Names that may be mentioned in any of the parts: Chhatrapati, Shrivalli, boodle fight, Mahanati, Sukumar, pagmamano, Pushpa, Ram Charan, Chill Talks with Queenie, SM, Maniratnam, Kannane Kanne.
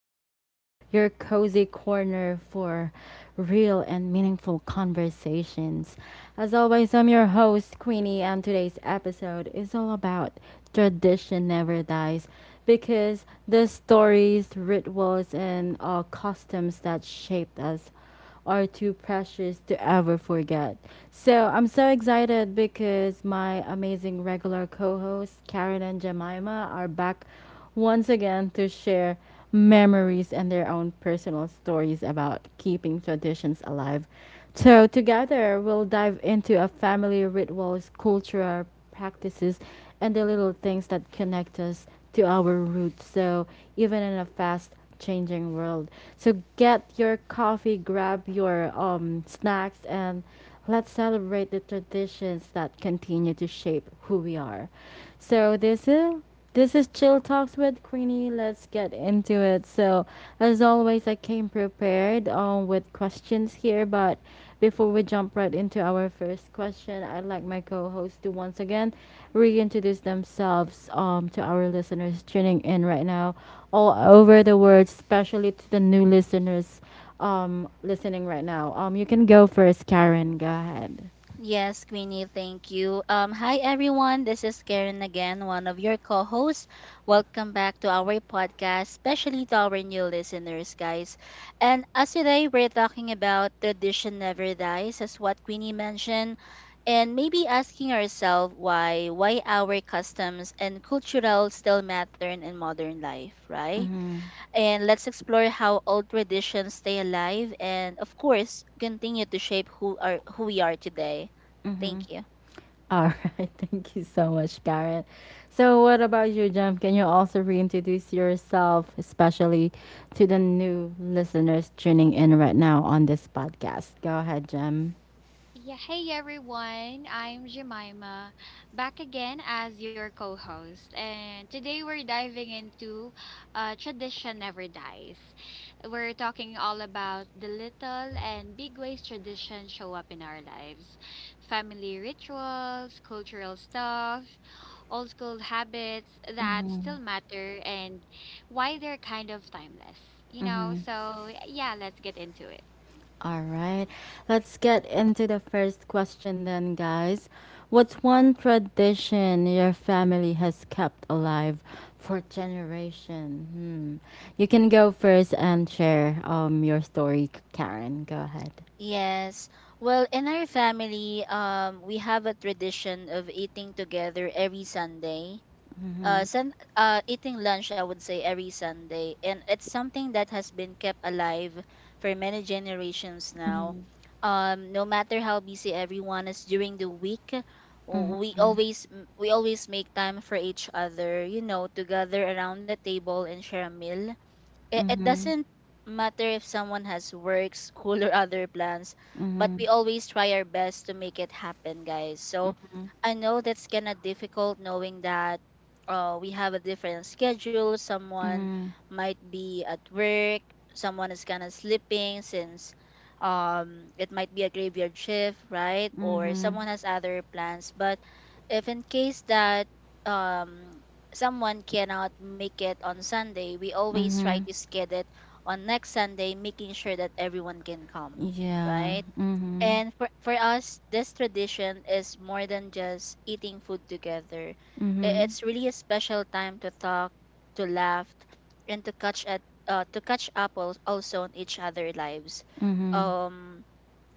Queenie, your cozy corner for real and meaningful conversations. As always, I'm your host, Queenie, and today's episode is all about tradition never dies, because the stories, rituals, and customs that shaped us are too precious to ever forget. So I'm so excited because my amazing regular co hosts, Karen and Jemima, are back once again to share memories and their own personal stories about keeping traditions alive. So, together, we'll dive into a family rituals, cultural practices, and the little things that connect us to our roots. So, even in a fast changing world. So, get your coffee, grab your snacks, and let's celebrate the traditions that continue to shape who we are. So this is Chill Talks with Queenie. Let's get into it. So as always, I came prepared with questions here, but before we jump right into our first question, I'd like my co-host to once again reintroduce themselves to our listeners tuning in right now all over the world, especially to the new listeners listening right now. You can go first, Karen. Go ahead. Yes, Queenie, thank you. Hi, everyone. This is Karen again, one of your co hosts. Welcome back to our podcast, especially to our new listeners, guys. And as today, we're talking about Tradition Never Dies, as what Queenie mentioned, and maybe asking ourselves why our customs and cultural still matter in modern life, right? Mhm. And let's explore how old traditions stay alive and of course continue to shape who we are today. Mhm. Thank you. All right. Thank you so much, Karen. So what about you, Jem? Can you also reintroduce yourself, especially to the new listeners tuning in right now on this podcast? Go ahead, Jem. All right, let's get into the first question then, guys. What's one tradition your family has kept alive for generation? Hmm. You can go first and share your story, Karen. Go ahead. Yes. Well, in our family, we have a tradition of eating together every Sunday. Mm-hmm. Eating lunch, I would say, every Sunday. And it's something that has been kept alive for many generations now. Mm-hmm. No matter how busy everyone is during the week, we always make time for each other, you know, to gather around the table and share a meal. It Mm-hmm. doesn't matter if someone has work, school, or other plans, but Mm-hmm. we always try our best to make it happen, guys. So Mm-hmm. I know that's kind of difficult knowing that we have a different schedule. Someone Mm-hmm. might be at work, someone is kind of sleeping since it might be a graveyard shift, right? Or Mm-hmm. someone has other plans. But if in case that um, someone cannot make it on Sunday, we always try Mm-hmm. to schedule it on next Sunday, making sure that everyone can come, Yeah. right? Mm-hmm. And for us, this tradition is more than just eating food together. I- Mm-hmm. It's really a special time to talk, to laugh, and to catch at to catch up also on each other lives. Mm-hmm. Um,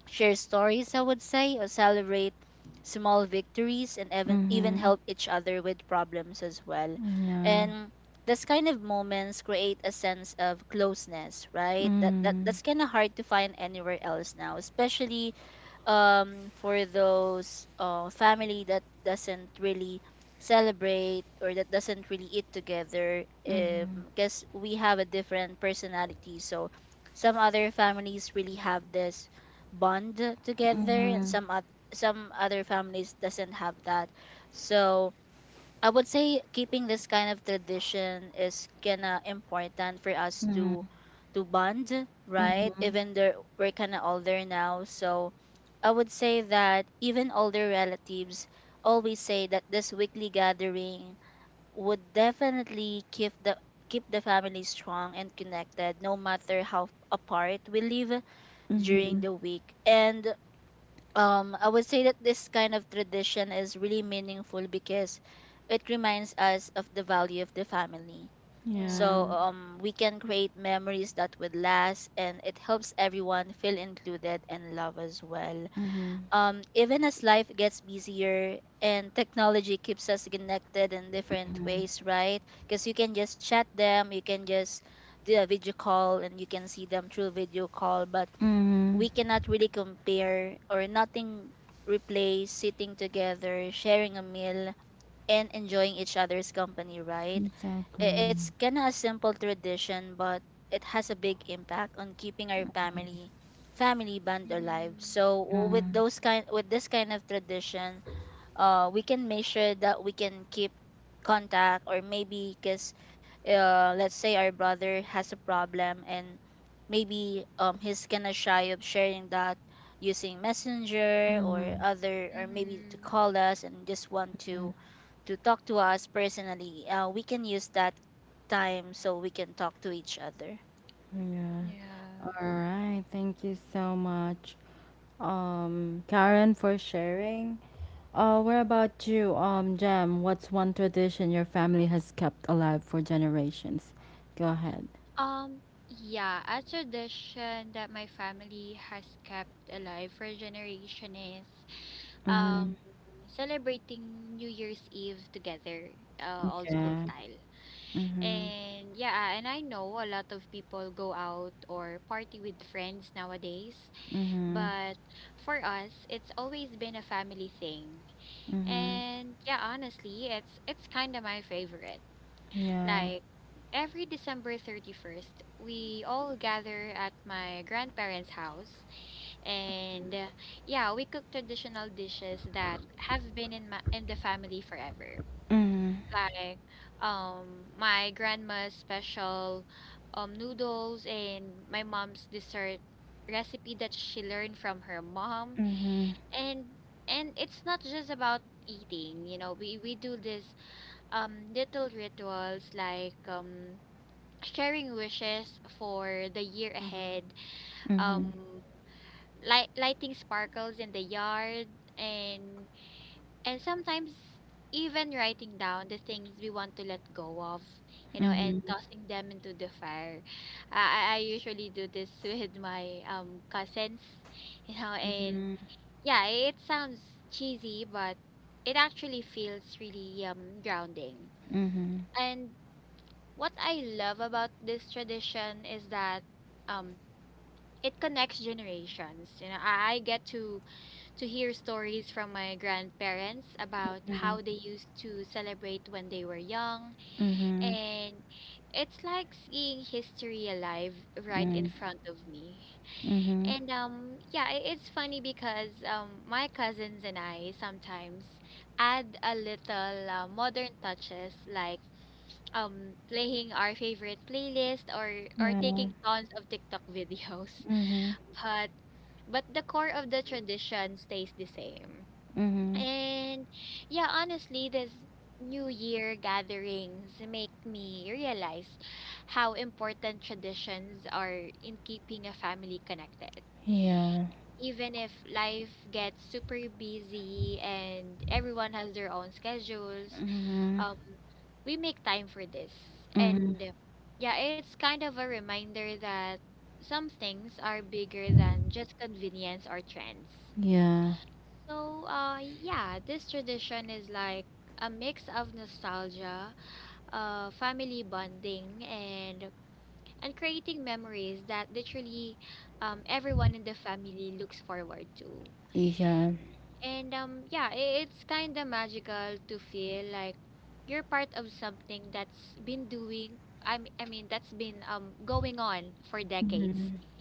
Share stories, I would say, or celebrate small victories and even Mm-hmm. help each other with problems as well. Yeah. And those kind of moments create a sense of closeness, right? That, that Mm-hmm. that's kind of hard to find anywhere else now, especially for those family that doesn't really celebrate or that doesn't really eat together because we have a different personality, so some other families really have this bond together and some other families doesn't have that. So I would say keeping this kind of tradition is kinda important for us Mm-hmm. To bond, right? Mm-hmm. Even though we're kinda older now. So I would say that even older relatives always say that this weekly gathering would definitely keep the family strong and connected no matter how apart we live during Mm-hmm. the week. And I would say that this kind of tradition is really meaningful because it reminds us of the value of the family. So Yeah. We can create memories that would last, and it helps everyone feel included and love as well. Mm-hmm. Even as life gets busier and technology keeps us connected in different ways, right? Because you can just chat them, you can just do a video call and you can see them through video call, but Mm-hmm. we cannot really compare, or nothing replace sitting together, sharing a meal, and enjoying each other's company, right? Exactly. It's kind of a simple tradition, but it has a big impact on keeping our family band alive. So Mm-hmm. With this kind of tradition, we can measure that we can keep contact. Or maybe because let's say our brother has a problem and maybe he's kind of shy of sharing that using messenger Mm-hmm. or other, or maybe to call us and just want to talk to us personally. We can use that time so we can talk to each other. Yeah. All right. Thank you so much, Karen, for sharing. What about you, Jam? What's one tradition your family has kept alive for generations? Go ahead. Mm-hmm. Yeah. Mm-hmm. Mm-hmm. Mm-hmm. Yeah. Mm-hmm. Mm-hmm. Mm-hmm. Mm-hmm. Mhm, mhm, mhm, mhm, mhm, mm, mhm, yeah, mhm, mhm, yeah, mhm, mhm, yeah, yeah,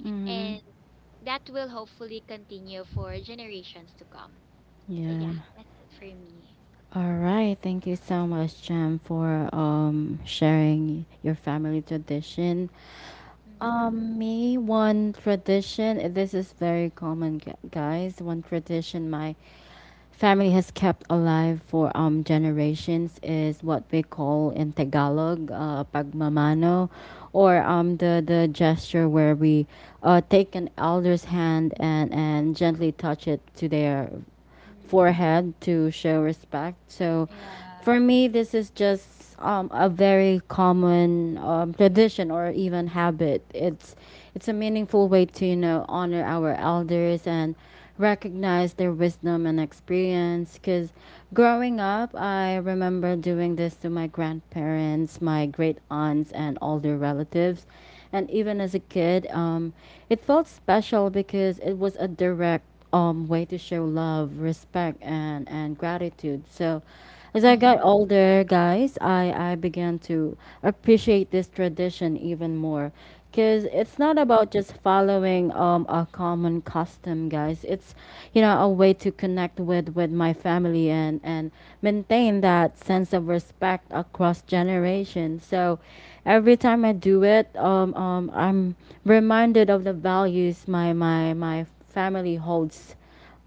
mhm, yeah. All right, thank you so much, Jam, for sharing your family tradition. Me, one tradition. This is very common, guys. One tradition my family has kept alive for generations is what we call in Tagalog, pagmamano, or the gesture where we take an elder's hand and gently touch it to their forehead to show respect. So for me, this is just a very common tradition or even habit. It's a meaningful way to honor our elders and recognize their wisdom and experience. Because growing up, I remember doing this to my grandparents, my great aunts, and older relatives. And even as a kid, it felt special because it was a direct way to show love, respect, and gratitude. So as I got Mhm. older, guys, I began to appreciate this tradition even more because it's not about just following a common custom, guys. It's a way to connect with my family and maintain that sense of respect across generations. So every time I do it, I'm reminded of the values my family holds,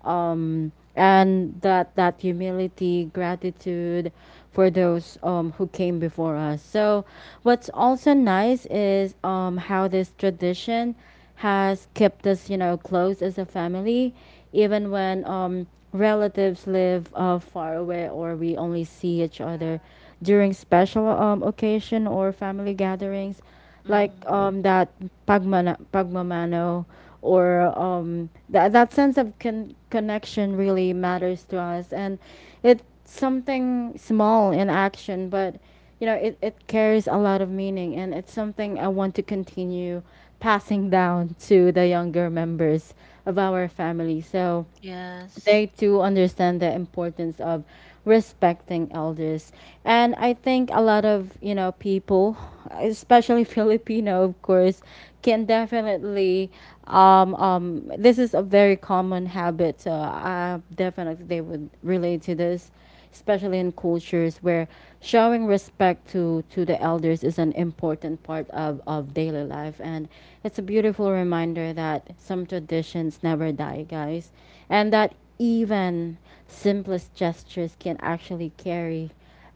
and that humility, gratitude for those, who came before us. So what's also nice is, how this tradition has kept us close as a family, even when, relatives live far away or we only see each other during special occasion or family gatherings, like Mm-hmm. That pagmana, pagmamano, or that sense of connection really matters to us. And it's something small in action, but it carries a lot of meaning, and it's something I want to continue passing down to the younger members of our family. So Yes. they do understand the importance of respecting elders. And I think a lot of people, especially Filipino, of course, can definitely. This is a very common habit, so definitely they would relate to this, especially in cultures where showing respect to the elders is an important part of daily life. And it's a beautiful reminder that some traditions never die, guys, and that even simplest gestures can actually carry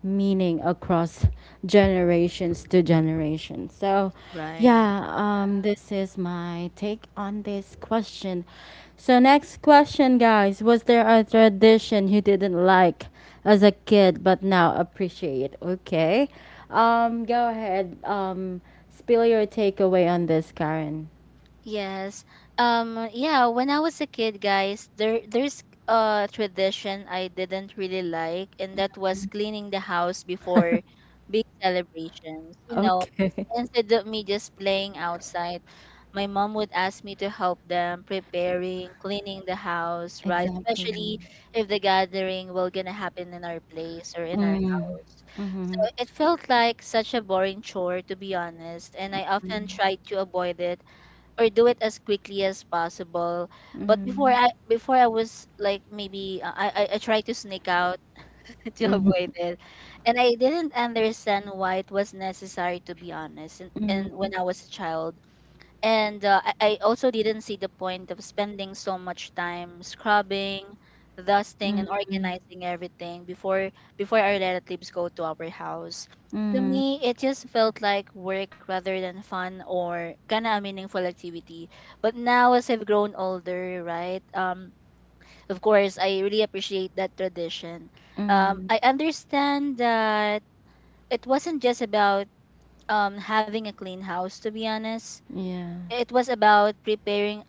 meaning across generations to generation. So, Right. yeah, this is my take on this question. So, next question, guys. Was there a tradition you didn't like as a kid but now appreciate? Okay. Go ahead. Spill your takeaway on this, Karen. Yes. Yeah, when I was a kid, guys, there's a tradition I didn't really like, and that was cleaning the house before big celebrations. You know, 'cause Okay. instead of me just playing outside, my mom would ask me to help them preparing, cleaning the house, right? Exactly. Especially if the gathering will gonna happen in our place or in our Mm. house. So Mm-hmm. it felt like such a boring chore, to be honest, and I often tried to avoid it or do it as quickly as possible. But Mm-hmm. Before I was like, maybe I tried to sneak out to avoid it, and I didn't understand why it was necessary, to be honest. And Mm-hmm. when I was a child, and I also didn't see the point of spending so much time scrubbing, dusting, Mhm, and organizing everything before our relatives go to our house. To mhm, me, it just felt like work rather than fun or kind of a meaningful activity. But now, as I've grown older, right? Of course, I really appreciate that tradition. Mhm. I understand that it wasn't just about having a clean house, to be honest. Yeah. It was about preparing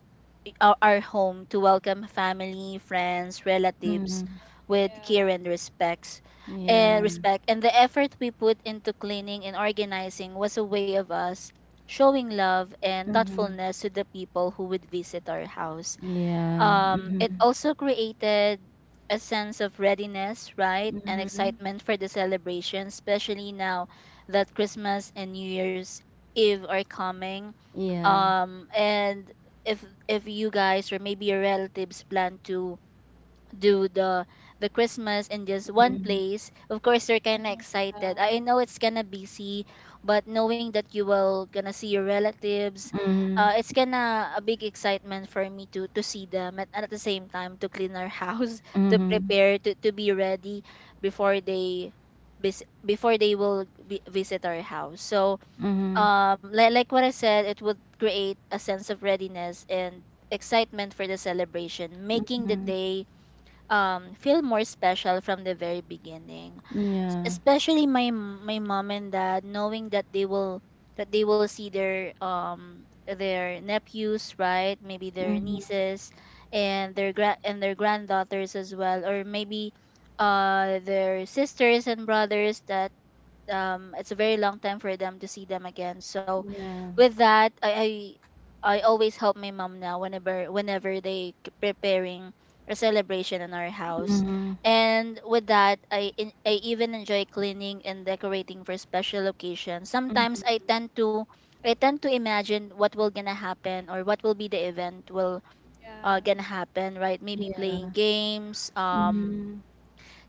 our home to welcome family, friends, relatives Mhm. with care and Yeah. Respect. And the effort we put into cleaning and organizing was a way of us showing love and Mhm. thoughtfulness to the people who would visit our house. Yeah. It Mhm. also created a sense of readiness, right, and Mhm. excitement for the celebration, especially now that Christmas and New Year's Eve are coming. Yeah. And If you guys or maybe your relatives plan to do the Christmas in just one Mhm. place, of course you're kind of excited. I know it's gonna busy, but knowing that you will gonna see your relatives, Mhm. It's gonna a big excitement for me to see them, and at the same time to clean our house to Mhm. To be ready before they before they will be, visit our house. So Mhm. Like what I said, it would create a sense of readiness and excitement for the celebration, making the Mhm. day feel more special from the very beginning. Yeah. Especially my my mom and dad, knowing that they will see their nephews, right, maybe their Mhm. nieces, and their granddaughters as well, or maybe their sisters and brothers. That It's a very long time for them to see them again. So Yeah. with that, I always help my mom now, whenever preparing a celebration in our house. Mhm. And with that, I even enjoy cleaning and decorating for special occasions. Sometimes I tend to imagine what will gonna happen, or what will be the event will gonna happen, right? Maybe playing Yeah. games, Mhm.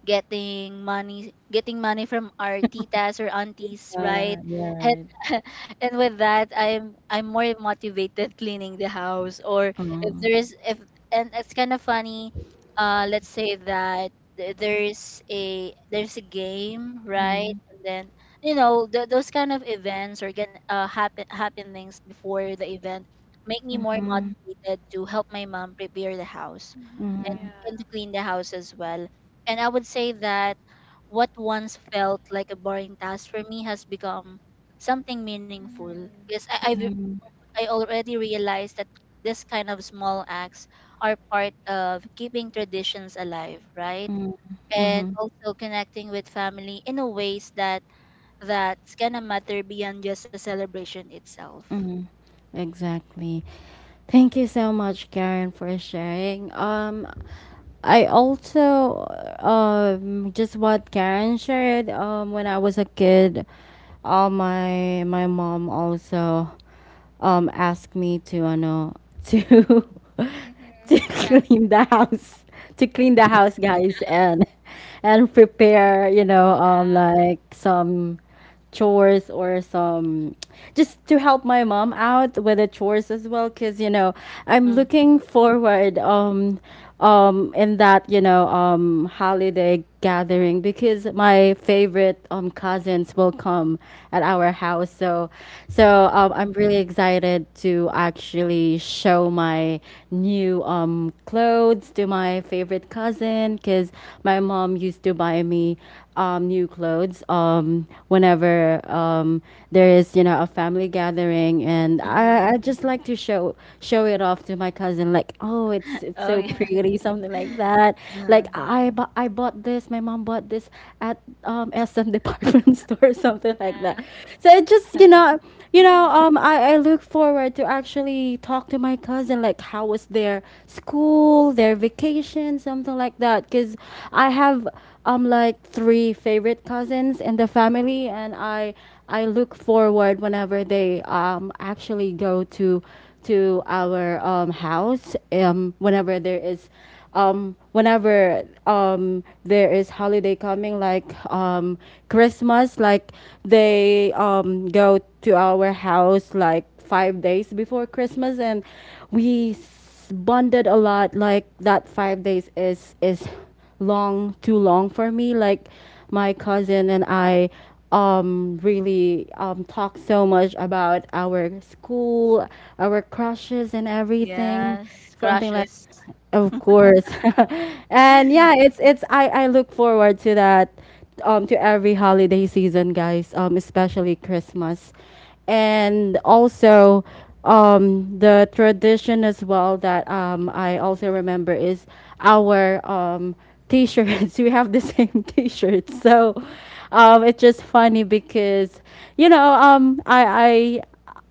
getting money from our titas or aunties, right? You're And right. and with that, I'm more motivated cleaning the house. Or if Mhm. there's if And it's kind of funny. Let's say that there's a game, right? Mhm. And then, you know, those kind of events or get happen happenings before the event make me more Mhm. motivated to help my mom prepare the house and, Mhm. and to clean the house as well. And I would say that what once felt like a boring task for me has become something meaningful, because I've Mhm. I already realized that this kind of small acts are part of keeping traditions alive, right? Mhm. And Mhm. also connecting with family in a ways that that's gonna matter beyond just the celebration itself. Mhm. Exactly. Thank you so much, Karen, for sharing. I also, just what Karen shared. When I was a kid, my mom also asked me to ano to to clean the house to clean the house, guys, and prepare, like some chores or some, just to help my mom out with the chores as well, because I'm Mm-hmm. looking forward, in that, holiday gathering, because my favorite cousin friends will come at our house. So, I'm really excited to actually show my new clothes to my favorite cousin, because my mom used to buy me new clothes whenever, there is, a family gathering, and Mm-hmm. I just like to show it off to my cousin, like, oh, it's it's Oh, so yeah. pretty, something like that. Like I bought this, my mom bought this at, SM department store or something like that. So it just, you know, Uh-huh. I look forward to actually talk to my cousin, like how was their school, their vacation, something like that. Cause I have like three favorite cousins in the family, and I look forward whenever they actually go to our house, whenever there is holiday coming, like Christmas. Like they, go to our house like 5 days before Christmas, and we bonded a lot. Like that 5 days is long, too long for me. Like my cousin and I really talk so much about our school, our crushes and everything, Yes, something like, crushes. of course. And yeah, it's, I look forward to that, to every holiday season, guys, especially Christmas. And also, the tradition as well that, I also remember, is our t-shirts. We have the same t-shirts. So it's just funny because, you know um I I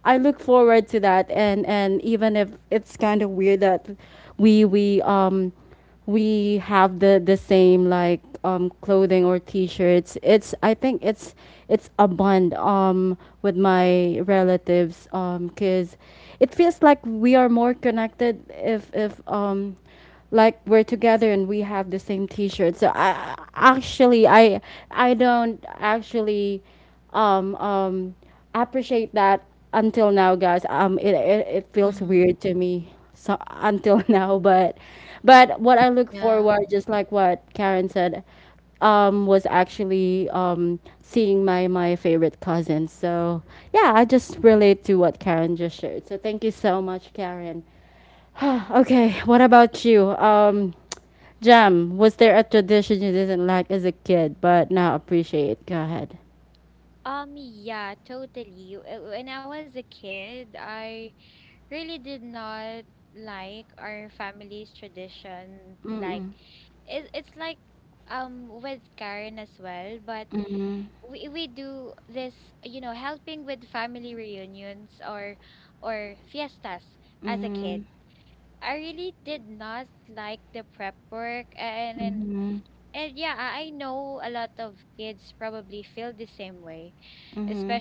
I look forward to that, and even if it's kind of weird that we we um we have the same, like, clothing or t-shirts. It's, I think it's a bond with my relatives, because it feels like we are more connected if, like, we're together and we have the same t-shirt. So I actually, I don't actually, um um appreciate that until now, guys. It feels Mm, weird to me so until now, but what I look yeah, forward, just like what Karen said, was actually, seeing my favorite cousin. So, yeah, I just relate to what Karen just shared. So thank you so much, Karen. Okay, what about you? Jam, was there a tradition you didn't like as a kid but now appreciate? Go ahead. Mm-mm. Mm-hmm. Mm-hmm. Mm-hmm. Mm-hmm.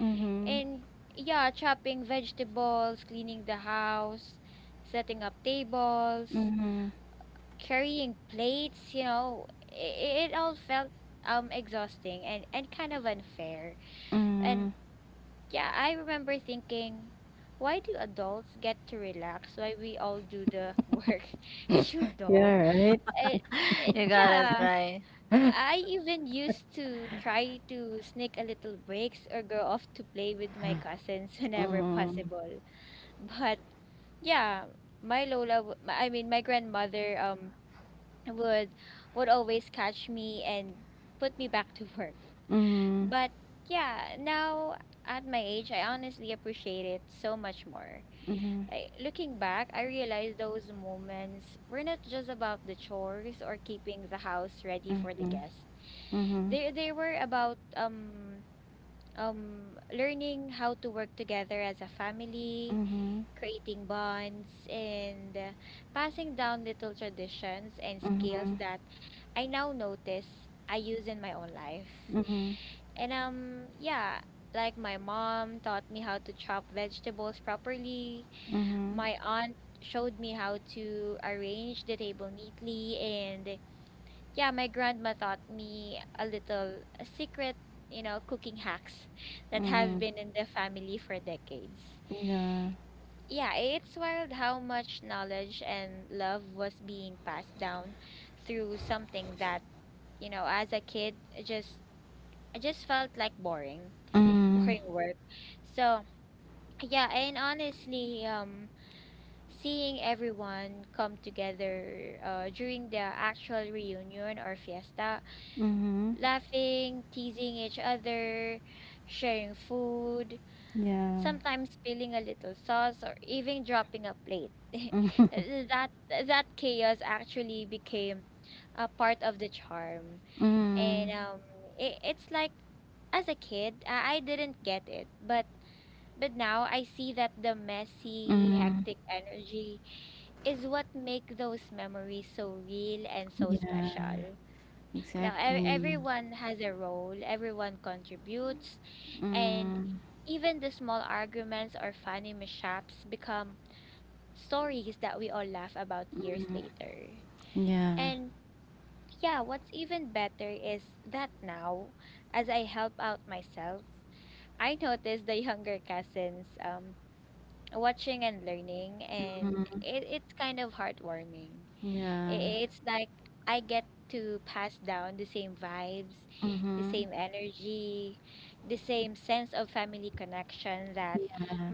Mm-hmm. Mm-hmm. Mm-hmm. Yeah, right? you got it right. Mm-hmm. Mm-hmm. Mm-hmm. Mm-hmm. Mm-hmm. Mm-hmm. Mm-hmm. Mm-hmm. Mm-hmm. Mm-hmm. Yeah. Mm-hmm. Mm-hmm. Yeah. Mm-hmm. Mm, yeah, exactly. Mm, yeah. Mhm. Yeah. Mhm. Yeah.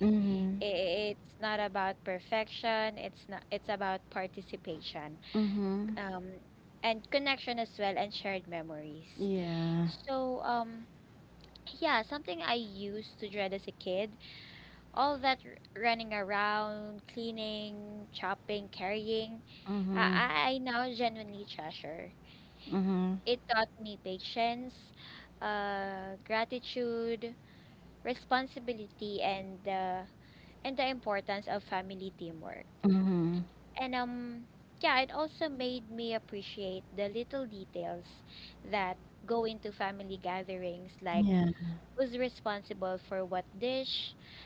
Mhm. Mhm. Yeah. Mhm. Mhm. Mhm. Yeah.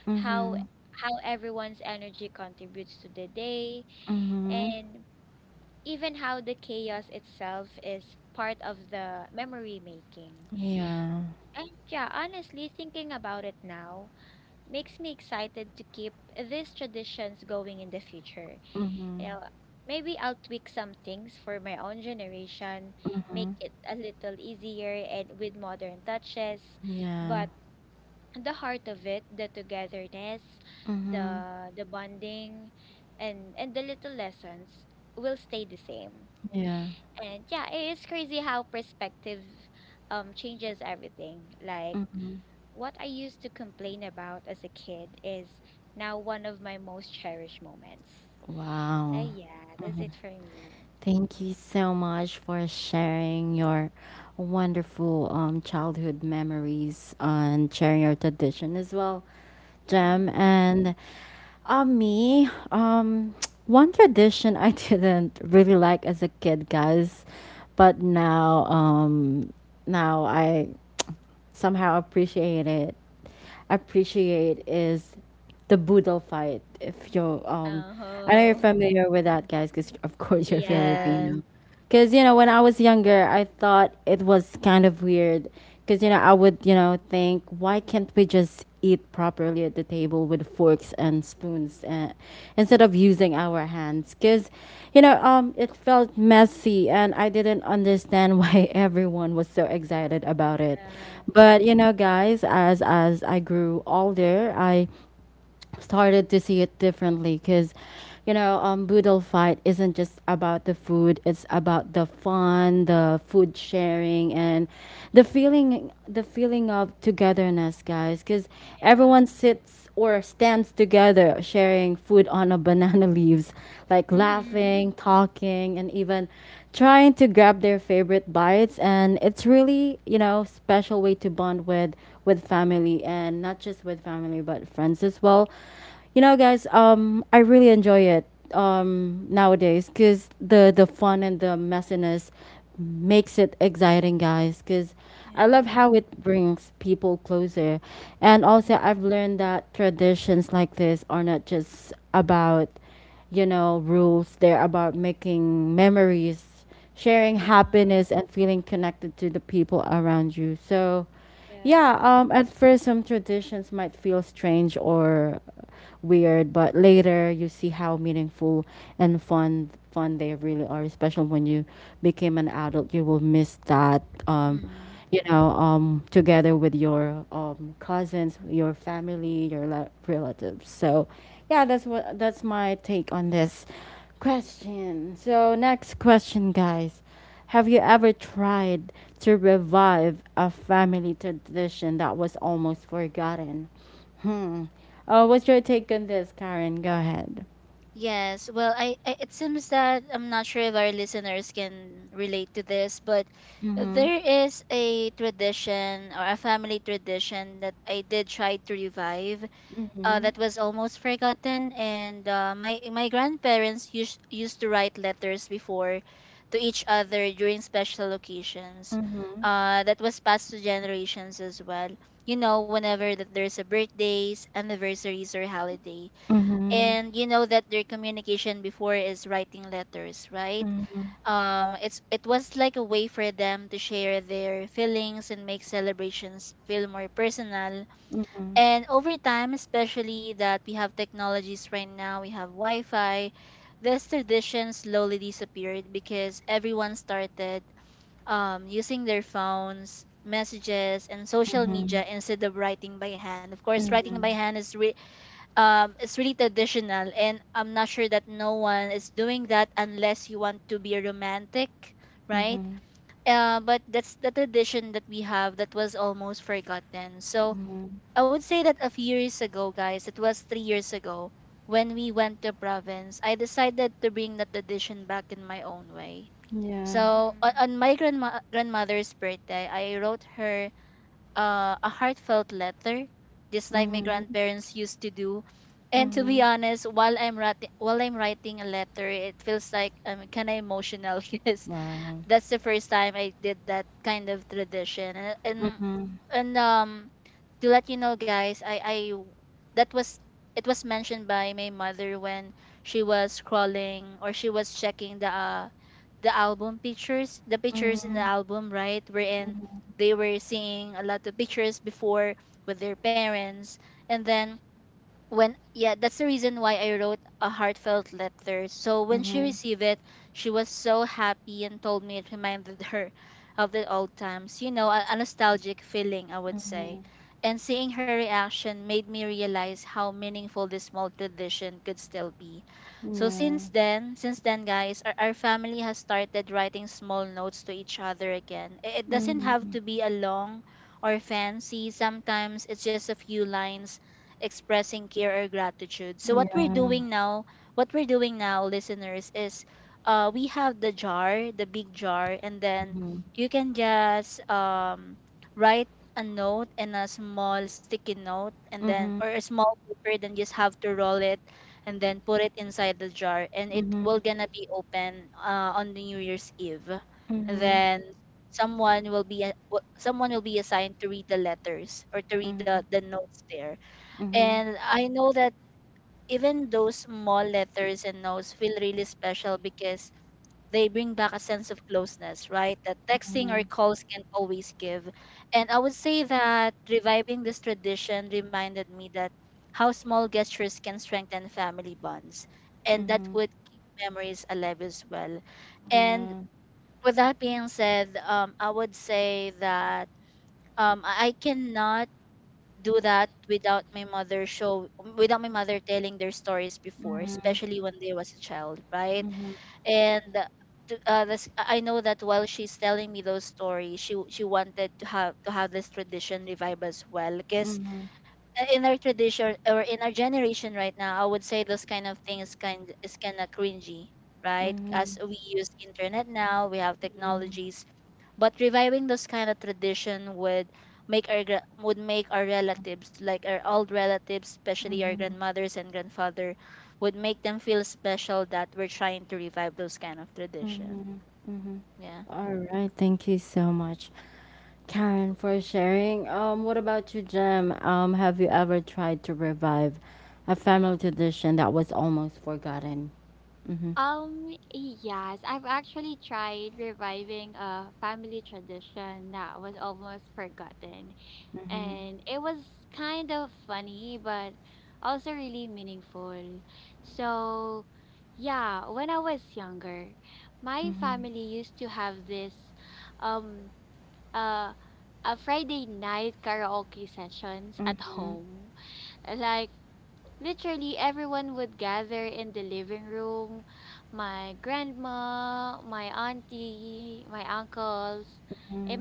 Mhm. Mhm. Yeah. Mhm. Mhm. Yeah. Mhm. Yeah. Mhm. Wow. Thank you so much for sharing your wonderful, childhood memories and sharing your tradition as well, Jem. And um, me, um, one tradition I didn't really like as a kid, guys, but now I somehow appreciate is the boodle fight. If you I know you're familiar with that, guys, because of course you're Yes. Filipino. Because, when I was younger, I thought it was kind of weird because, I would, think, why can't we just eat properly at the table with forks and spoons, instead of using our hands? Because, it felt messy and I didn't understand why everyone was so excited about it. But, you know, guys, as I grew older, I started to see it differently. Because, boodle fight isn't just about the food, it's about the fun, the food sharing, and the feeling of togetherness, guys. Because everyone sits or stands together, sharing food on a banana leaves, like laughing, talking, and even trying to grab their favorite bites. And it's really, you know, special way to bond with family, and not just with family but friends as well. You know, guys, I really enjoy it nowadays because the fun and the messiness makes it exciting, guys. Because I love how it brings people closer, and also I've learned that traditions like this are not just about, rules; they're about making memories, sharing happiness, and feeling connected to the people around you. So, yeah, at first, some traditions might feel strange or weird, but later you see how meaningful and fun they really are. Especially when you became an adult, you will miss that. Um, Mm. you know, together with your cousins, your family, your relatives. So, yeah, that's my take on this question. So, next question, guys. Have you ever tried to revive a family tradition that was almost forgotten? Hmm. What's your take on this, Karen? Go ahead. Yes, well, I it seems that I'm not sure if our listeners can relate to this, but Mm-hmm. there is a tradition or a family tradition that I did try to revive, Mm-hmm. that was almost forgotten. And my grandparents used to write letters before to each other during special occasions. Mm-hmm. That was passed to generations as well. You know, whenever that there's a birthdays, anniversaries, or holiday, Mm-hmm. and you know that their communication before is writing letters, right? Mm-hmm. It was like a way for them to share their feelings and make celebrations feel more personal. Mm-hmm. And over time, especially that we have technologies right now, we have Wi Fi, this tradition slowly disappeared because everyone started using their phones, messages, and social Mm-hmm. media instead of writing by hand. Of course, writing by Mm-hmm. hand is it's really traditional, and I'm not sure that no one is doing that unless you want to be romantic, right? Mm-hmm. But that's the tradition that we have that was almost forgotten. So Mm-hmm. I would say that a few years ago, guys, it was 3 years ago when we went to province, I decided to bring that tradition back in my own way. Yeah. So on my grandmother's birthday, I wrote her a heartfelt letter, just like my Mm-hmm. grandparents used to do. And to Mm-hmm. be honest, while I'm writing a letter, it feels like I'm kind of emotional because Wow. that's the first time I did that kind of tradition. And and, Mm-hmm. and um to let you know, guys, I that was it was mentioned by my mother when she was scrolling, or she was checking the album pictures, the pictures in the Mm-hmm. album, right? Wherein Mm-hmm. they were seeing a lot of pictures before with their parents, and then when, yeah, that's the reason why I wrote a heartfelt letter. So when she Mm-hmm. received it, she was so happy and told me it reminded her of the old times, a nostalgic feeling, I would Mm-hmm. say. And seeing her reaction made me realize how meaningful this small tradition could still be. So Yeah. since then, guys, our family has started writing small notes to each other again. It doesn't have Mm, to be a long or fancy, sometimes it's just a few lines expressing care or gratitude. So yeah, what we're doing now, listeners, is we have the jar, the big jar, and then mhm, you can just write a note in a small sticky note, and then, mhm, or a small paper, then just have to roll it and then put it inside the jar, and it mhm, mhm, will gonna be open on the new year's eve. And mhm, then someone will someone will be assigned to read the letters or to read the notes there. mhm, And I know that even those small letters and notes feel really special because they bring back a sense of closeness, right? That texting or mhm, calls can not always give. And I would say that reviving this tradition reminded me that how small gestures can strengthen family bonds, and that mhm, would keep memories alive as well. And yeah, with that being said, I would say that I cannot do that without my mother telling their stories before, mhm, especially when they was a child, right? mhm, And to, this, I know that while she's telling me those stories, she wanted to have this tradition revive as well, because mhm, in our tradition or in our generation right now, I would say those kind of things kind of cringy, right? mhm, As we use internet now, we have yeah, technologies, but reviving those kind of tradition would would make our relatives, like our old relatives, especially our mhm, grandmothers and grandfather, would make them feel special that we're trying to revive those kind of tradition. mhm, mhm. Yeah. All right, thank you so much, Karen, for sharing. What about you, Jim? Have you ever tried to revive a family tradition that was almost forgotten? Mm-hmm. Mm-hmm. Mm-hmm. Mm-hmm. Mm-hmm.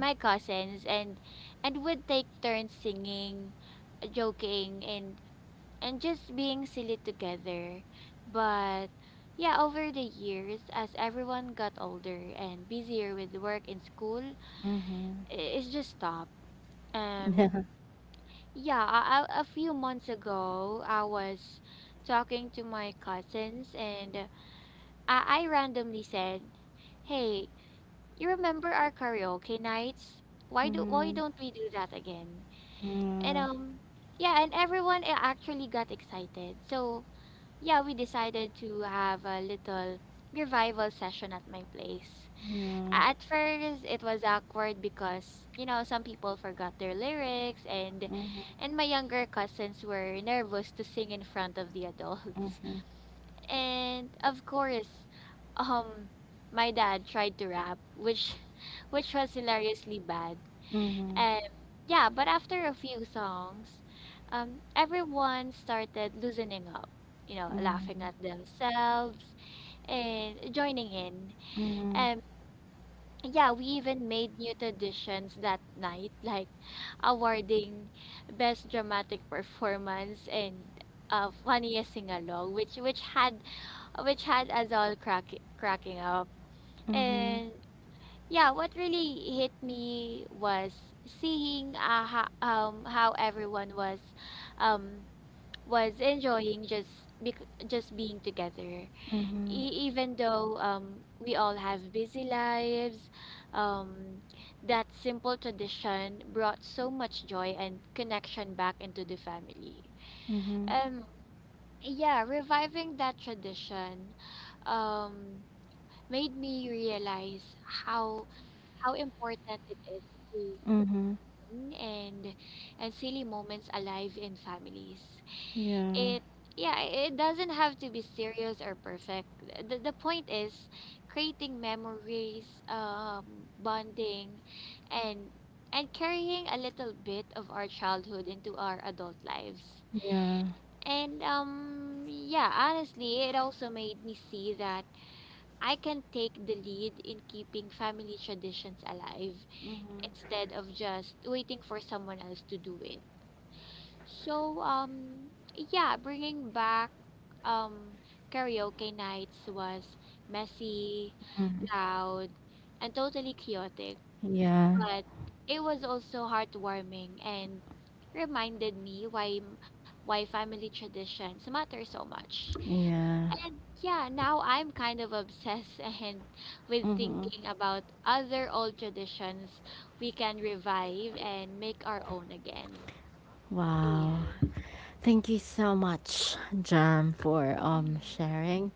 Mm-hmm. Yeah. Mhm. Yeah. Yeah. Mhm. Mhm. Mhm. Mhm. Mhm. Mhm. Mhm. Mhm. Mhm. Yeah. Yeah. Mm. Yeah. Yeah. Mhm. Wow. Thank you so much, Jam, for sharing.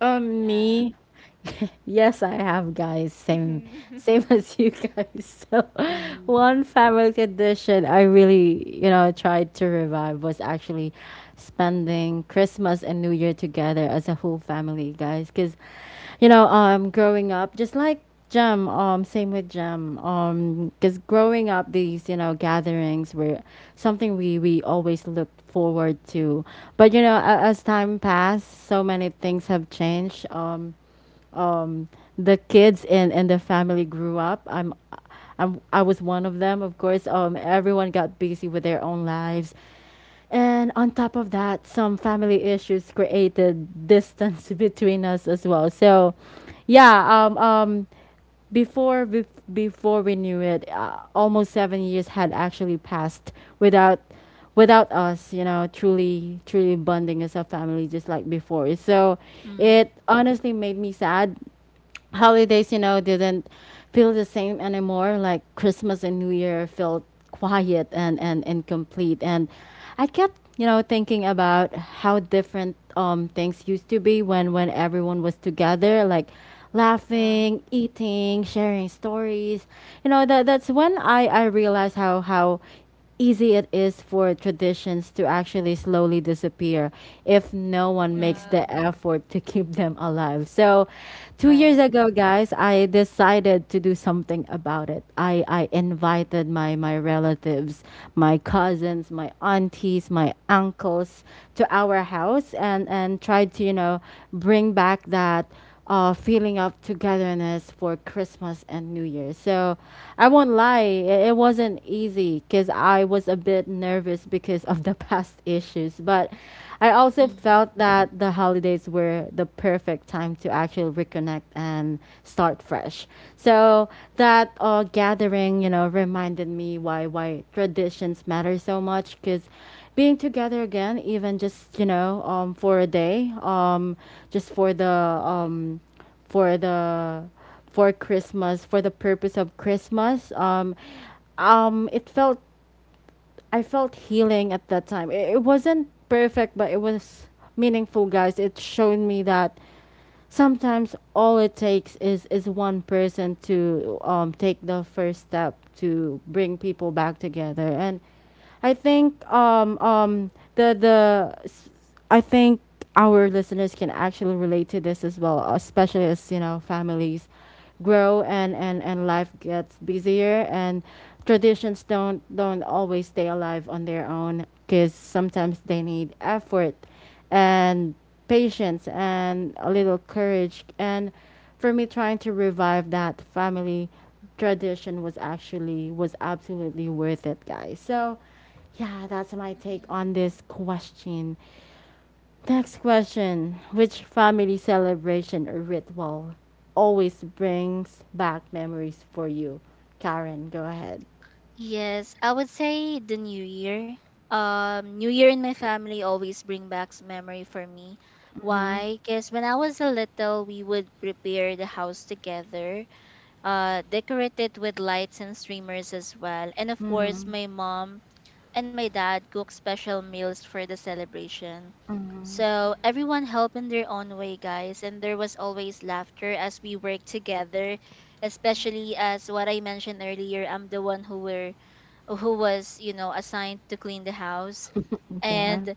Um, me, Yes, I have, guys. Same, same as you guys. So, Mm-hmm. one family tradition I really, you know, tried to revive was actually spending Christmas and New Year together as a whole family, guys. Because, you know, growing up, just like Jem, same with Jem, because growing up, these, you know, gatherings were something we always looked forward to. But, you know, as time passed, so many things have changed. Um, the kids and the family grew up. I was one of them, of course. Everyone got busy with their own lives. And on top of that, some family issues created distance between us as well. So, yeah, before bef- before we knew it, almost 7 years had actually passed without us, you know, truly bonding as a family just like before. So it Mm-hmm. honestly made me sad. Holidays, you know, didn't feel the same anymore. Like Christmas and New Year felt quiet and incomplete. And I kept, you know, thinking about how different things used to be when everyone was together, like laughing, eating, sharing stories. You know, that that's when I realized how easy it is for traditions to actually slowly disappear if no one makes Mm-hmm. the effort to keep them alive. So, 2 years Right. ago, guys, I decided to do something about it. I invited my relatives, my cousins, my aunties, my uncles to our house and tried to, you know, bring back that feeling of togetherness for Christmas and New Year. So I won't lie, it wasn't easy because I was a bit nervous because of the past issues. But I also Mm-hmm. felt that the holidays were the perfect time to actually reconnect and start fresh. So that gathering, you know, reminded me why traditions matter so much. Because being together again, even just, you know, for a day, just for the for the for Christmas, for the purpose of Christmas, it felt I felt healing at that time. It wasn't perfect, but it was meaningful, guys. It showed me that sometimes all it takes is one person to take the first step to bring people back together. And I think the s- I think our listeners can actually relate to this as well, especially as, you know, families grow and life gets busier, and traditions don't always stay alive on their own because sometimes they need effort and patience and a little courage. And for me, trying to revive that family tradition was actually was absolutely worth it, guys. So, yeah, that's my take on this question. Next question: which family celebration or ritual always brings back memories for you? Karen, go ahead. Yes, I would say the new year. New year in my family always bring back memory for me. Why? Because when I was a little, we would prepare the house together. Decorate it with lights and streamers as well. And of course, my mom and my dad cook special meals for the celebration. So everyone helped in their own way, guys, and there was always laughter as we worked together, especially as what I mentioned earlier, I'm the one who was, you know, assigned to clean the house. Yeah. And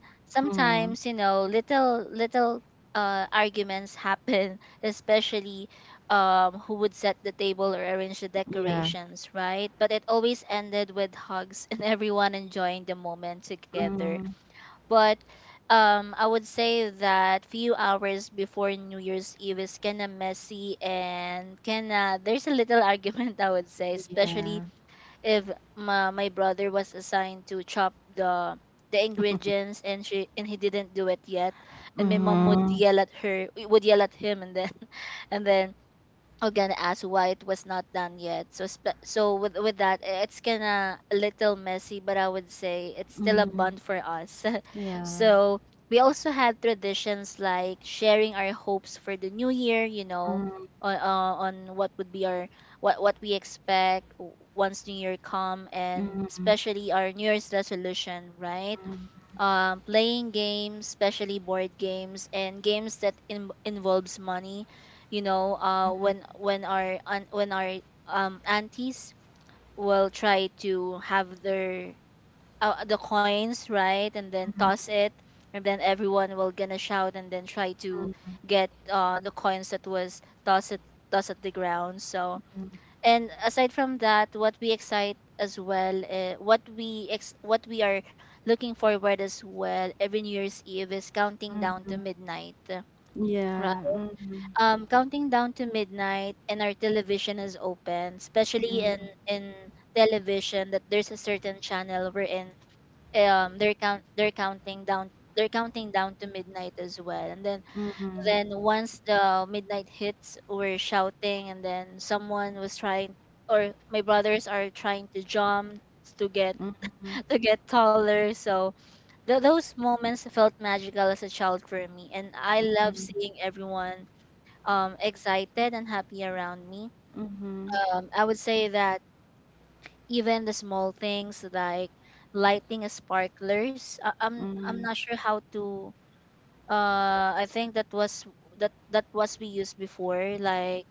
Mm, sometimes, you know, little arguments happen, especially who would set the table or arrange the yeah. decorations, right? But it always ended with hugs and everyone enjoying the moment together. Mm, But I would say that few hours before New Year's Eve is kind of messy, and kind of there's a little argument, I would say, yeah. especially if my brother was assigned to chop the ingredients, and she and he didn't do it yet, and my mom would Mm, yell at him, and then and then again ask why it was not done yet. So so with that, eh, it's kind of a little messy, but I would say it's still a Hmm. bond for us. Yeah. So we also had traditions like sharing our hopes for the new year, you know, Mm, on what would be our what we expect once new year come, and Mhm. especially our new year's resolution, right? Um, playing games, especially board games and games that involves money, you know, when our aunties will try to have their the coins, right, and then toss it, and then everyone will gonna shout, and then try to get the coins that was tossed at the ground. So and aside from that, what we excite as well, what we are looking forward as well, every new year's eve is counting down to midnight. Yeah. Mhm. Counting down to midnight, and our television is open, especially in television, that there's a certain channel we're in. Um, they're count they're counting down they're counting down to midnight as well. And then Mhm. Once the midnight hits, we're shouting, and then someone was trying or my brothers are trying to jump to get Mhm. to get taller. So those moments felt magical as a child for me, and I love seeing everyone excited and happy around me. Mhm. I would say that even the small things like lighting a sparklers, I'm Mhm. not sure how to. I think that that was we used before. Like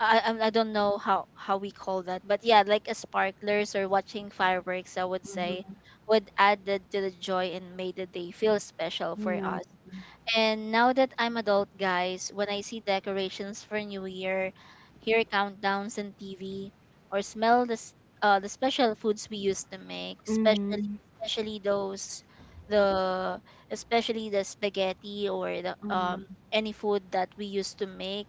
I don't know how we call that, but yeah, like a sparklers or watching fireworks, I would say would add to the joy and made the day feel special for Yeah. us. And now that I'm adult, guys, when I see decorations for New Year, hear countdowns on TV, or smell the special foods we used to make, especially Mhm. especially those the especially the spaghetti or the Mhm. any food that we used to make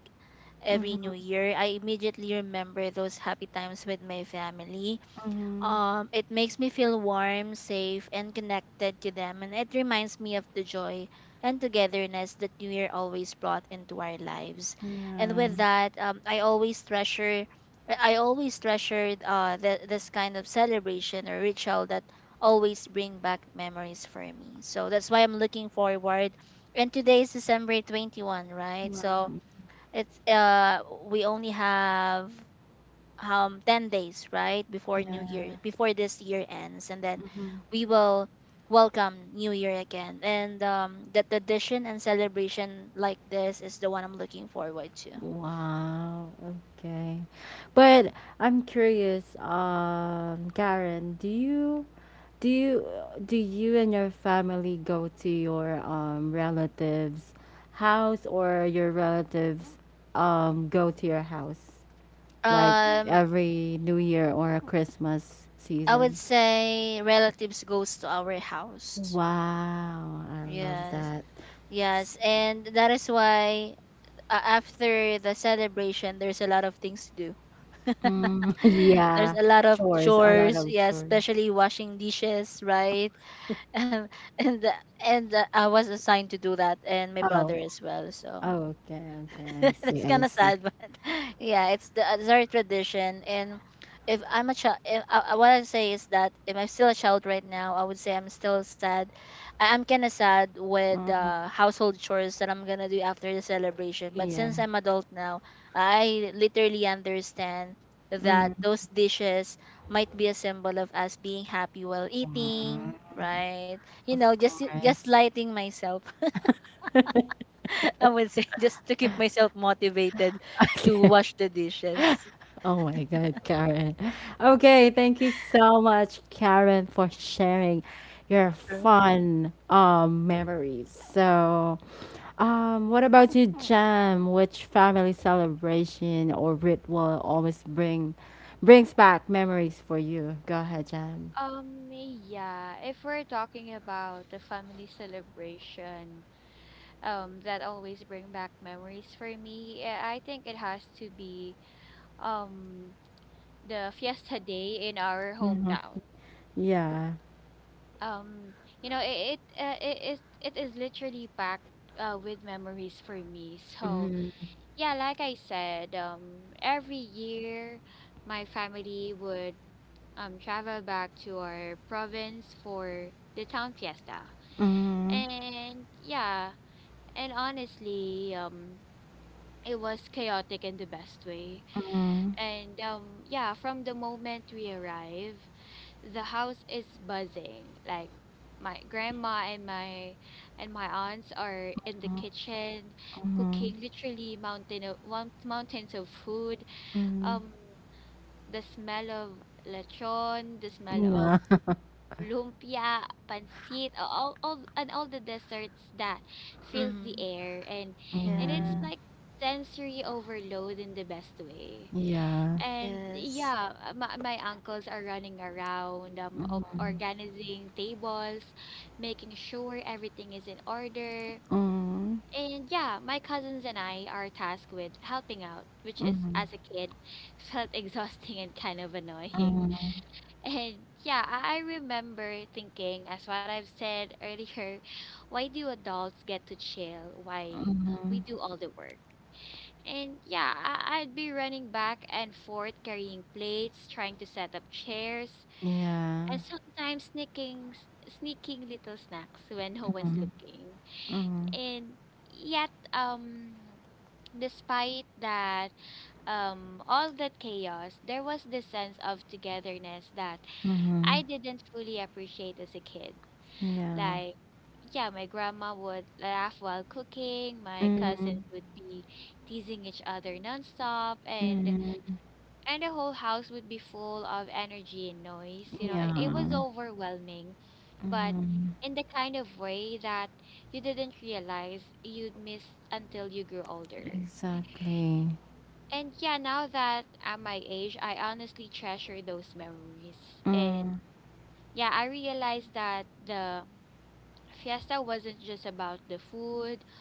every New Mhm. Year, I immediately remember those happy times with my family. Mhm. Um, it makes me feel warm, safe, and connected to them, and it reminds me of the joy and togetherness that New Year always brought into our lives. And Yeah. with that, I always treasured this kind of celebration or ritual that always bring back memories for me. So that's why I'm looking forward. And today is December 21, right? So Wow. it's we only have 10 days right before new year, Yeah. before this year ends, and then Mhm. we will welcome new year again. And um, the tradition and celebration like this is the one I'm looking forward to. Wow, okay. But I'm curious, Karen, do you do you and your family go to your relatives' house, or your relatives go to your house, like Um, every New Year or Christmas I would season? say relatives goes to our house. Wow, I love Yes. that. Yes, and that is why after the celebration there's a lot of things to do. Mm, There's yeah, a lot of chores, a lot chores, of yeah, chores. especially washing dishes, right? And and and I was assigned to do that, and my brother Oh, as well. So oh, okay, okay. I see, that's I kind of see. sad, but yeah, it's the it's our tradition. And if I'm a child, if, what I say is that if I'm still a child right now, I would say I'm still sad. I'm kind of sad with Mm, the household chores that I'm gonna do after the celebration. But yeah. since I'm adult now, I literally understand that Mhm. those dishes might be a symbol of us being happy while Wow. eating, right? You Of know, just course. lighting myself, I would say just to keep myself motivated to Okay. wash the dishes. Oh my God, Karen. Okay, thank you so much, Karen, for sharing your Sure. fun memories. So, what about you, Jam? Which family celebration or ritual always bring brings back memories for you? Go ahead, Jam. Yeah. Mm-hmm. Mm-hmm. Yeah. Mm-hmm. Mhm. Yeah. Yeah. Yes. Mm. Yeah. Mhm. Yeah. Mm. Mhm. Yeah. Mhm. Exactly. Mm.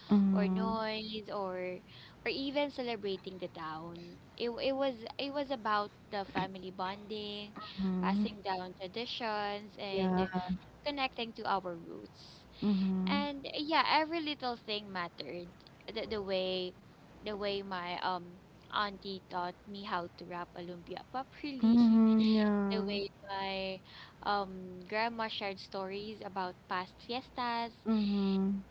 Mhm. Yeah. Mhm. Mhm. Yeah. Mhm.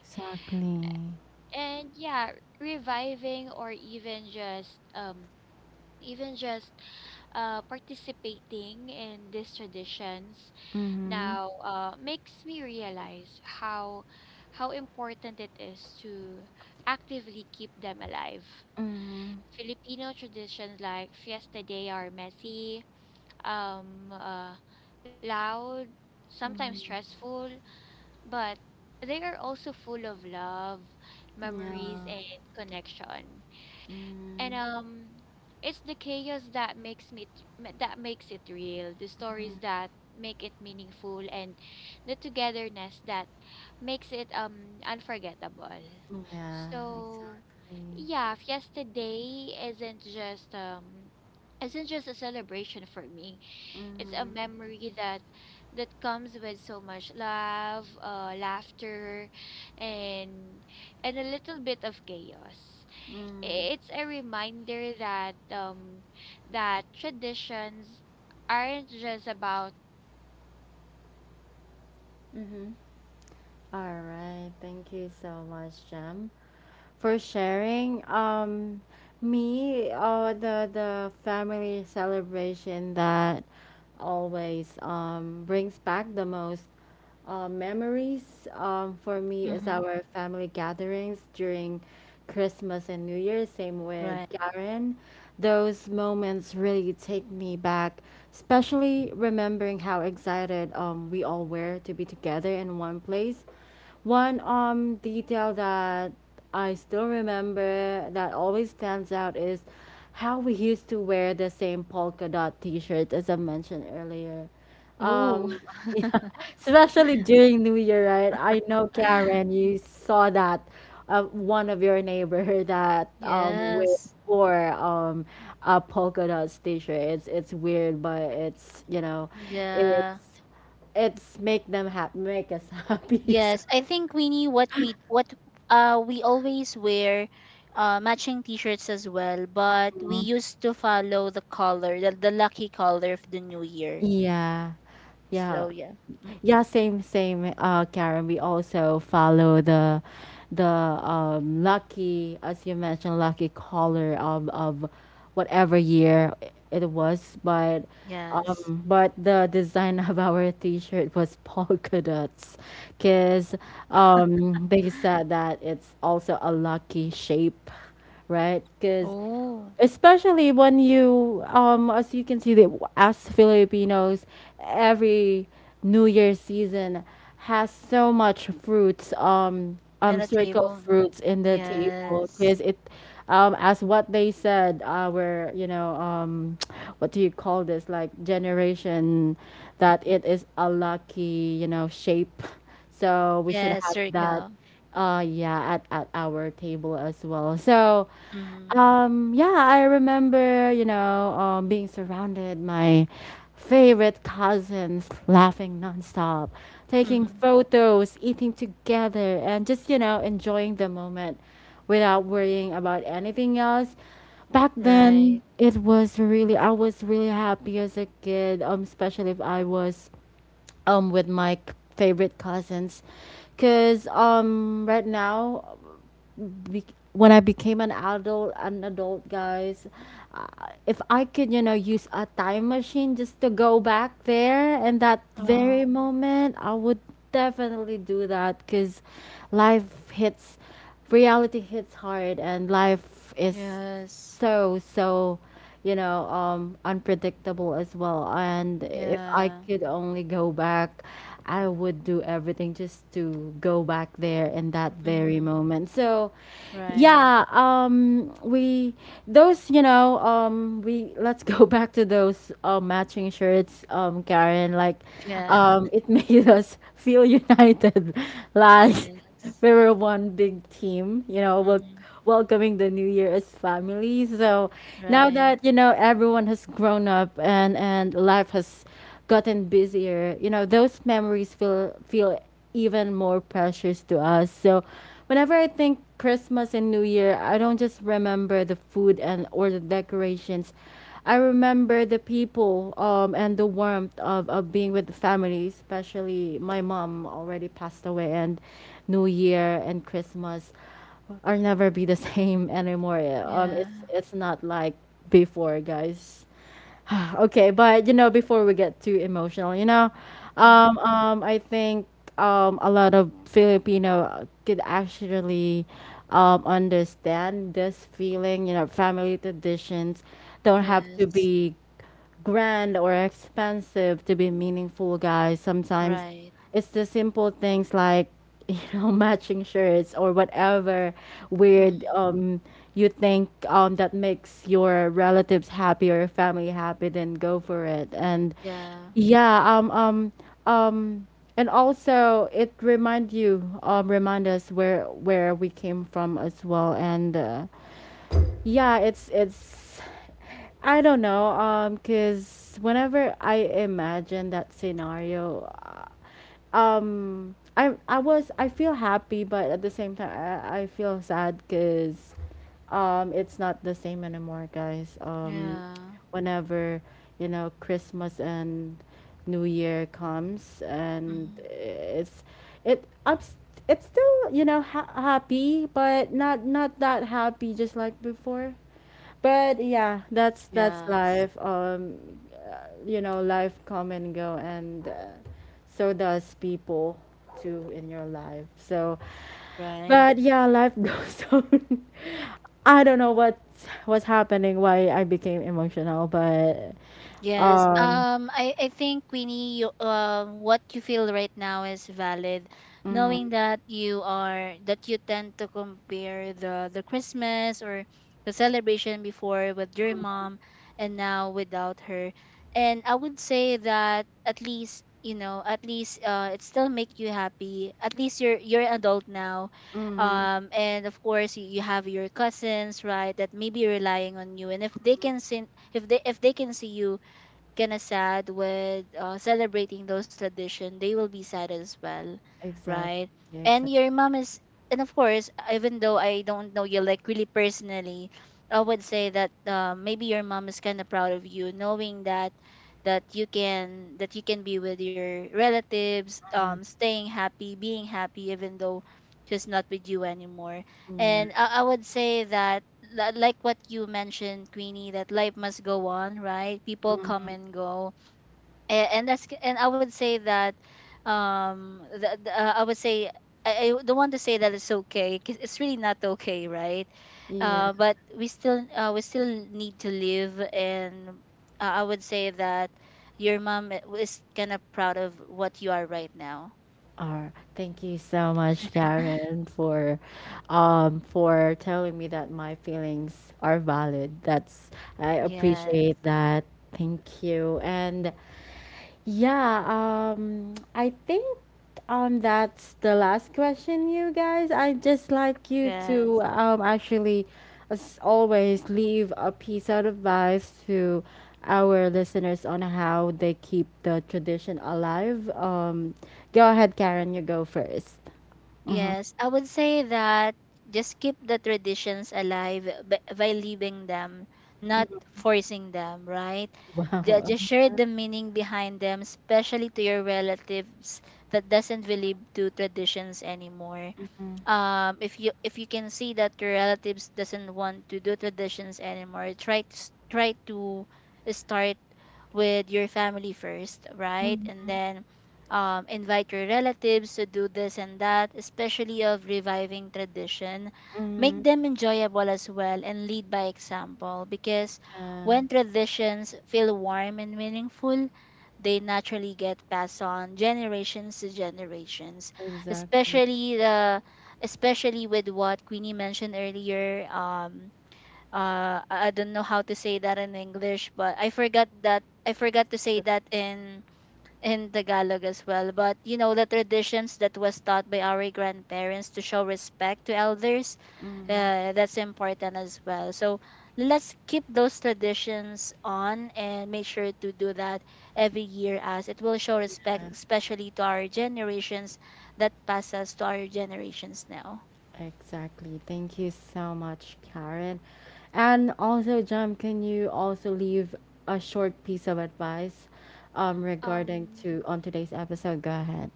Exactly. Mhm. Mhm. Yeah. Mhm. Yeah. Exactly. Mhm. Mhm. Mhm. All right. Thank you so much, Jam, for sharing. The family celebration that always brings back the most memories for me is Mm-hmm. our family gatherings during Christmas and New Year's, same with Right. Karen. Those moments really take me back, especially remembering how excited we all were to be together in one place. One detail that I still remember, that always stands out, is how we used to wear the same polka dot t shirt as I mentioned earlier. Oh. Um, especially during New Year, right? I know, Karen, you saw that one of your neighbor that with Yes. four a polka dots t-shirt. It's weird, but it's, you know, Yeah. it's make them happy, make us happy. So, Yes. I think we need what we always wear matching t-shirts as well, but we used to follow the color, the lucky color of the new year. yeah, So yeah. yeah. Mm. Yeah, same, same, Karen. We also follow the lucky, as you mentioned, lucky color of whatever year it was. Yes. But the design of our t-shirt was polka dots, cause they said that it's also a lucky shape, right? Cause Oh, especially when you as you can see that, as Filipinos, every New Year season has so much fruits, and a circle table. fruits, in the table. Because Yes. it as what they said, our, you know, what do you call this, like, generation, that it is a lucky, you know, shape, so we should Yes, have that, circle. Yeah, at our table as well. So Mm-hmm. Yeah, I remember, you know, being surrounded my favorite cousins, laughing nonstop, taking Mm-hmm. photos, eating together, and just, you know, enjoying the moment without worrying about anything else. Back then, Right. it was really I was really happy as a kid, especially if I was with my favorite cousins. Because right now, be- when I became an adult, guys, uh, if I could, you know, use a time machine just to go back there and that very Oh, moment, I would definitely do that because life hits, reality hits hard, and life is yes. so so you know, unpredictable as well. And if I Yeah. could only go back, I would do everything just to go back there in that very Mm-hmm. moment. So, Right. yeah, we those you know we, let's go back to those matching shirts, Karen, like, Yeah. It made us feel united, like Yes. we were one big team, you know, we'll Mm-hmm. welcoming the new year as family. So, now Right. that, you know, everyone has grown up and life has gotten busier, you know, those memories feel even more precious to us. So whenever I think Christmas and New Year, I don't just remember the food and or the decorations. I remember the people, and the warmth of being with the family, especially my mom already passed away. And New Year and Christmas Or never be the same anymore. Yeah. Yeah. It's not like before, guys. Okay, but, you know, before we get too emotional, you know, Mm-hmm. I think a lot of Filipino could actually understand this feeling. You know, family traditions don't have to Yes. be grand or expensive to be meaningful, guys. Sometimes Right. it's the simple things like, you know, matching shirts, or whatever weird Mm-hmm. You think, that makes your relatives happy or family happy, then go for it. and Yeah. yeah um um um and also it remind you, remind us, where we came from as well. And, yeah, it's, I don't know, because whenever I imagine that scenario, I was I feel happy, but at the same time, I feel sad, cuz it's not the same anymore, guys. Yeah. Whenever, you know, Christmas and New Year comes, and Mm-hmm. it's it I'm s- it's still, you know, happy, but not that happy just like before. But yeah, that's Yes. life. You know, life come and go, and, so does people too in your life. So, Right. but yeah, life goes on. I don't know what's happening, why I became emotional, but Yes. um, I think Queenie, you, what you feel right now is valid, knowing mm, that you are that you tend to compare the Christmas or the celebration before with your mom, and now without her. And I would say that, at least you know, at least it still make you happy. At least you're an adult now, mm, and of course you, you have your cousins, right, that may be relying on you. And if they can see, if they can see you kinda sad with celebrating those tradition, they will be sad as well, exactly, right? And exactly, your mom is, and of course, even though I don't know you like really personally, I would say that maybe your mom is kind of proud of you, knowing that you can, that you can be with your relatives, Mm, staying happy, being happy, even though she's not with you anymore. yeah, And I would say that, like what you mentioned, Queenie, that life must go on, right? People come and go, and that's and I would say that, I would say I don't want to say that it's okay, 'cause it's really not okay, right? yeah. But we still need to live, and I would say that your mom is kind of proud of what you are right now. Uh, thank you so much, Karen, for telling me that my feelings are valid. That's, I Yes, appreciate that. Thank you. And yeah, I think that's the last question, you guys. I just like you to yes. Actually, as always, leave a piece of advice to our listeners on how they keep the tradition alive. Go ahead, Karen. You go 1st. Mm-hmm. Yes, I would say that just keep the traditions alive by leaving them, not forcing them, right? Wow. Just share the meaning behind them, especially to your relatives that doesn't believe to traditions anymore. Um, if you can see that your relatives doesn't want to do traditions anymore, try to try to start with your family first, right, and then invite your relatives to do this and that, especially of reviving tradition. Mm-hmm. Make them enjoyable as well, and lead by example, because Yeah, when traditions feel warm and meaningful, they naturally get passed on generations to generations, exactly. especially the especially with what Queenie mentioned earlier. I don't know how to say that in English, but I forgot to say The- that in Tagalog as well. But you know the traditions that was taught by our grandparents to show respect to elders, mm. That's important as well. So let's keep those traditions on, and make sure to do that every year, as it will show respect, especially to our generations that pass us to our generations now. Exactly. Thank you so much, Karen. And also, Jam, can you also leave a short piece of advice regarding Um, to on today's episode? Go ahead.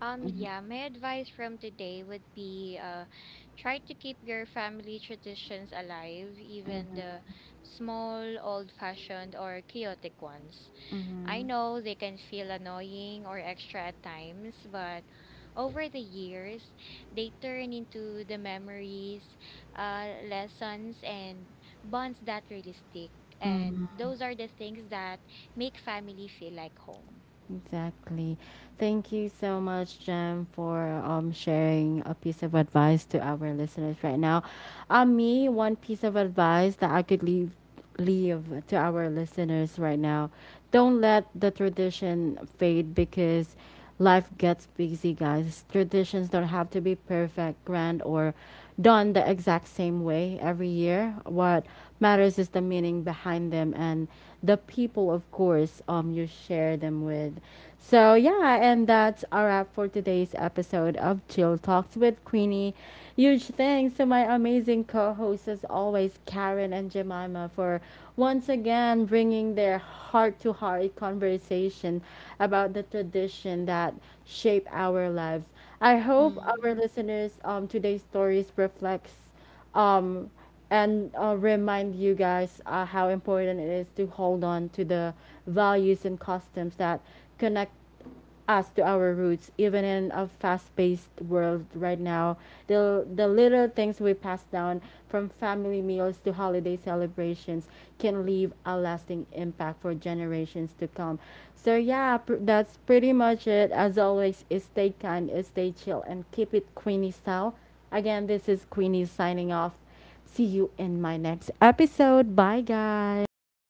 yeah, my advice from today would be try to keep your family traditions alive, even the small, old-fashioned or chaotic ones. I know they can feel annoying or extra at times, but over the years, they turn into the memories, lessons, and bonds that really stick. And those are the things that make family feel like home. Exactly. Thank you so much, Jam, for sharing a piece of advice to our listeners right now. One piece of advice that I could leave to our listeners right now. Don't let the tradition fade because life gets busy, guys. Traditions don't have to be perfect, grand, or done the exact same way every year. What matters is the meaning behind them and the people, of course, you share them with. So, yeah, and that's our wrap for today's episode of Chill Talks with Queenie. Huge thanks to my amazing co host, as always, Karen and Jemima, for once again bringing their heart to heart conversation about the tradition that shape our lives. I hope our Hmm. listeners, today's stories reflects um, and remind you guys how important it is to hold on to the values and customs that connect us to our roots, even in a fast-paced world right now. The little things we pass down, from family meals to holiday celebrations, can leave a lasting impact for generations to come. So, yeah, that's pretty much it. As always, stay kind, stay chill, and keep it Queenie style. Again, this is Queenie signing off. See you in my next episode. Bye, guys.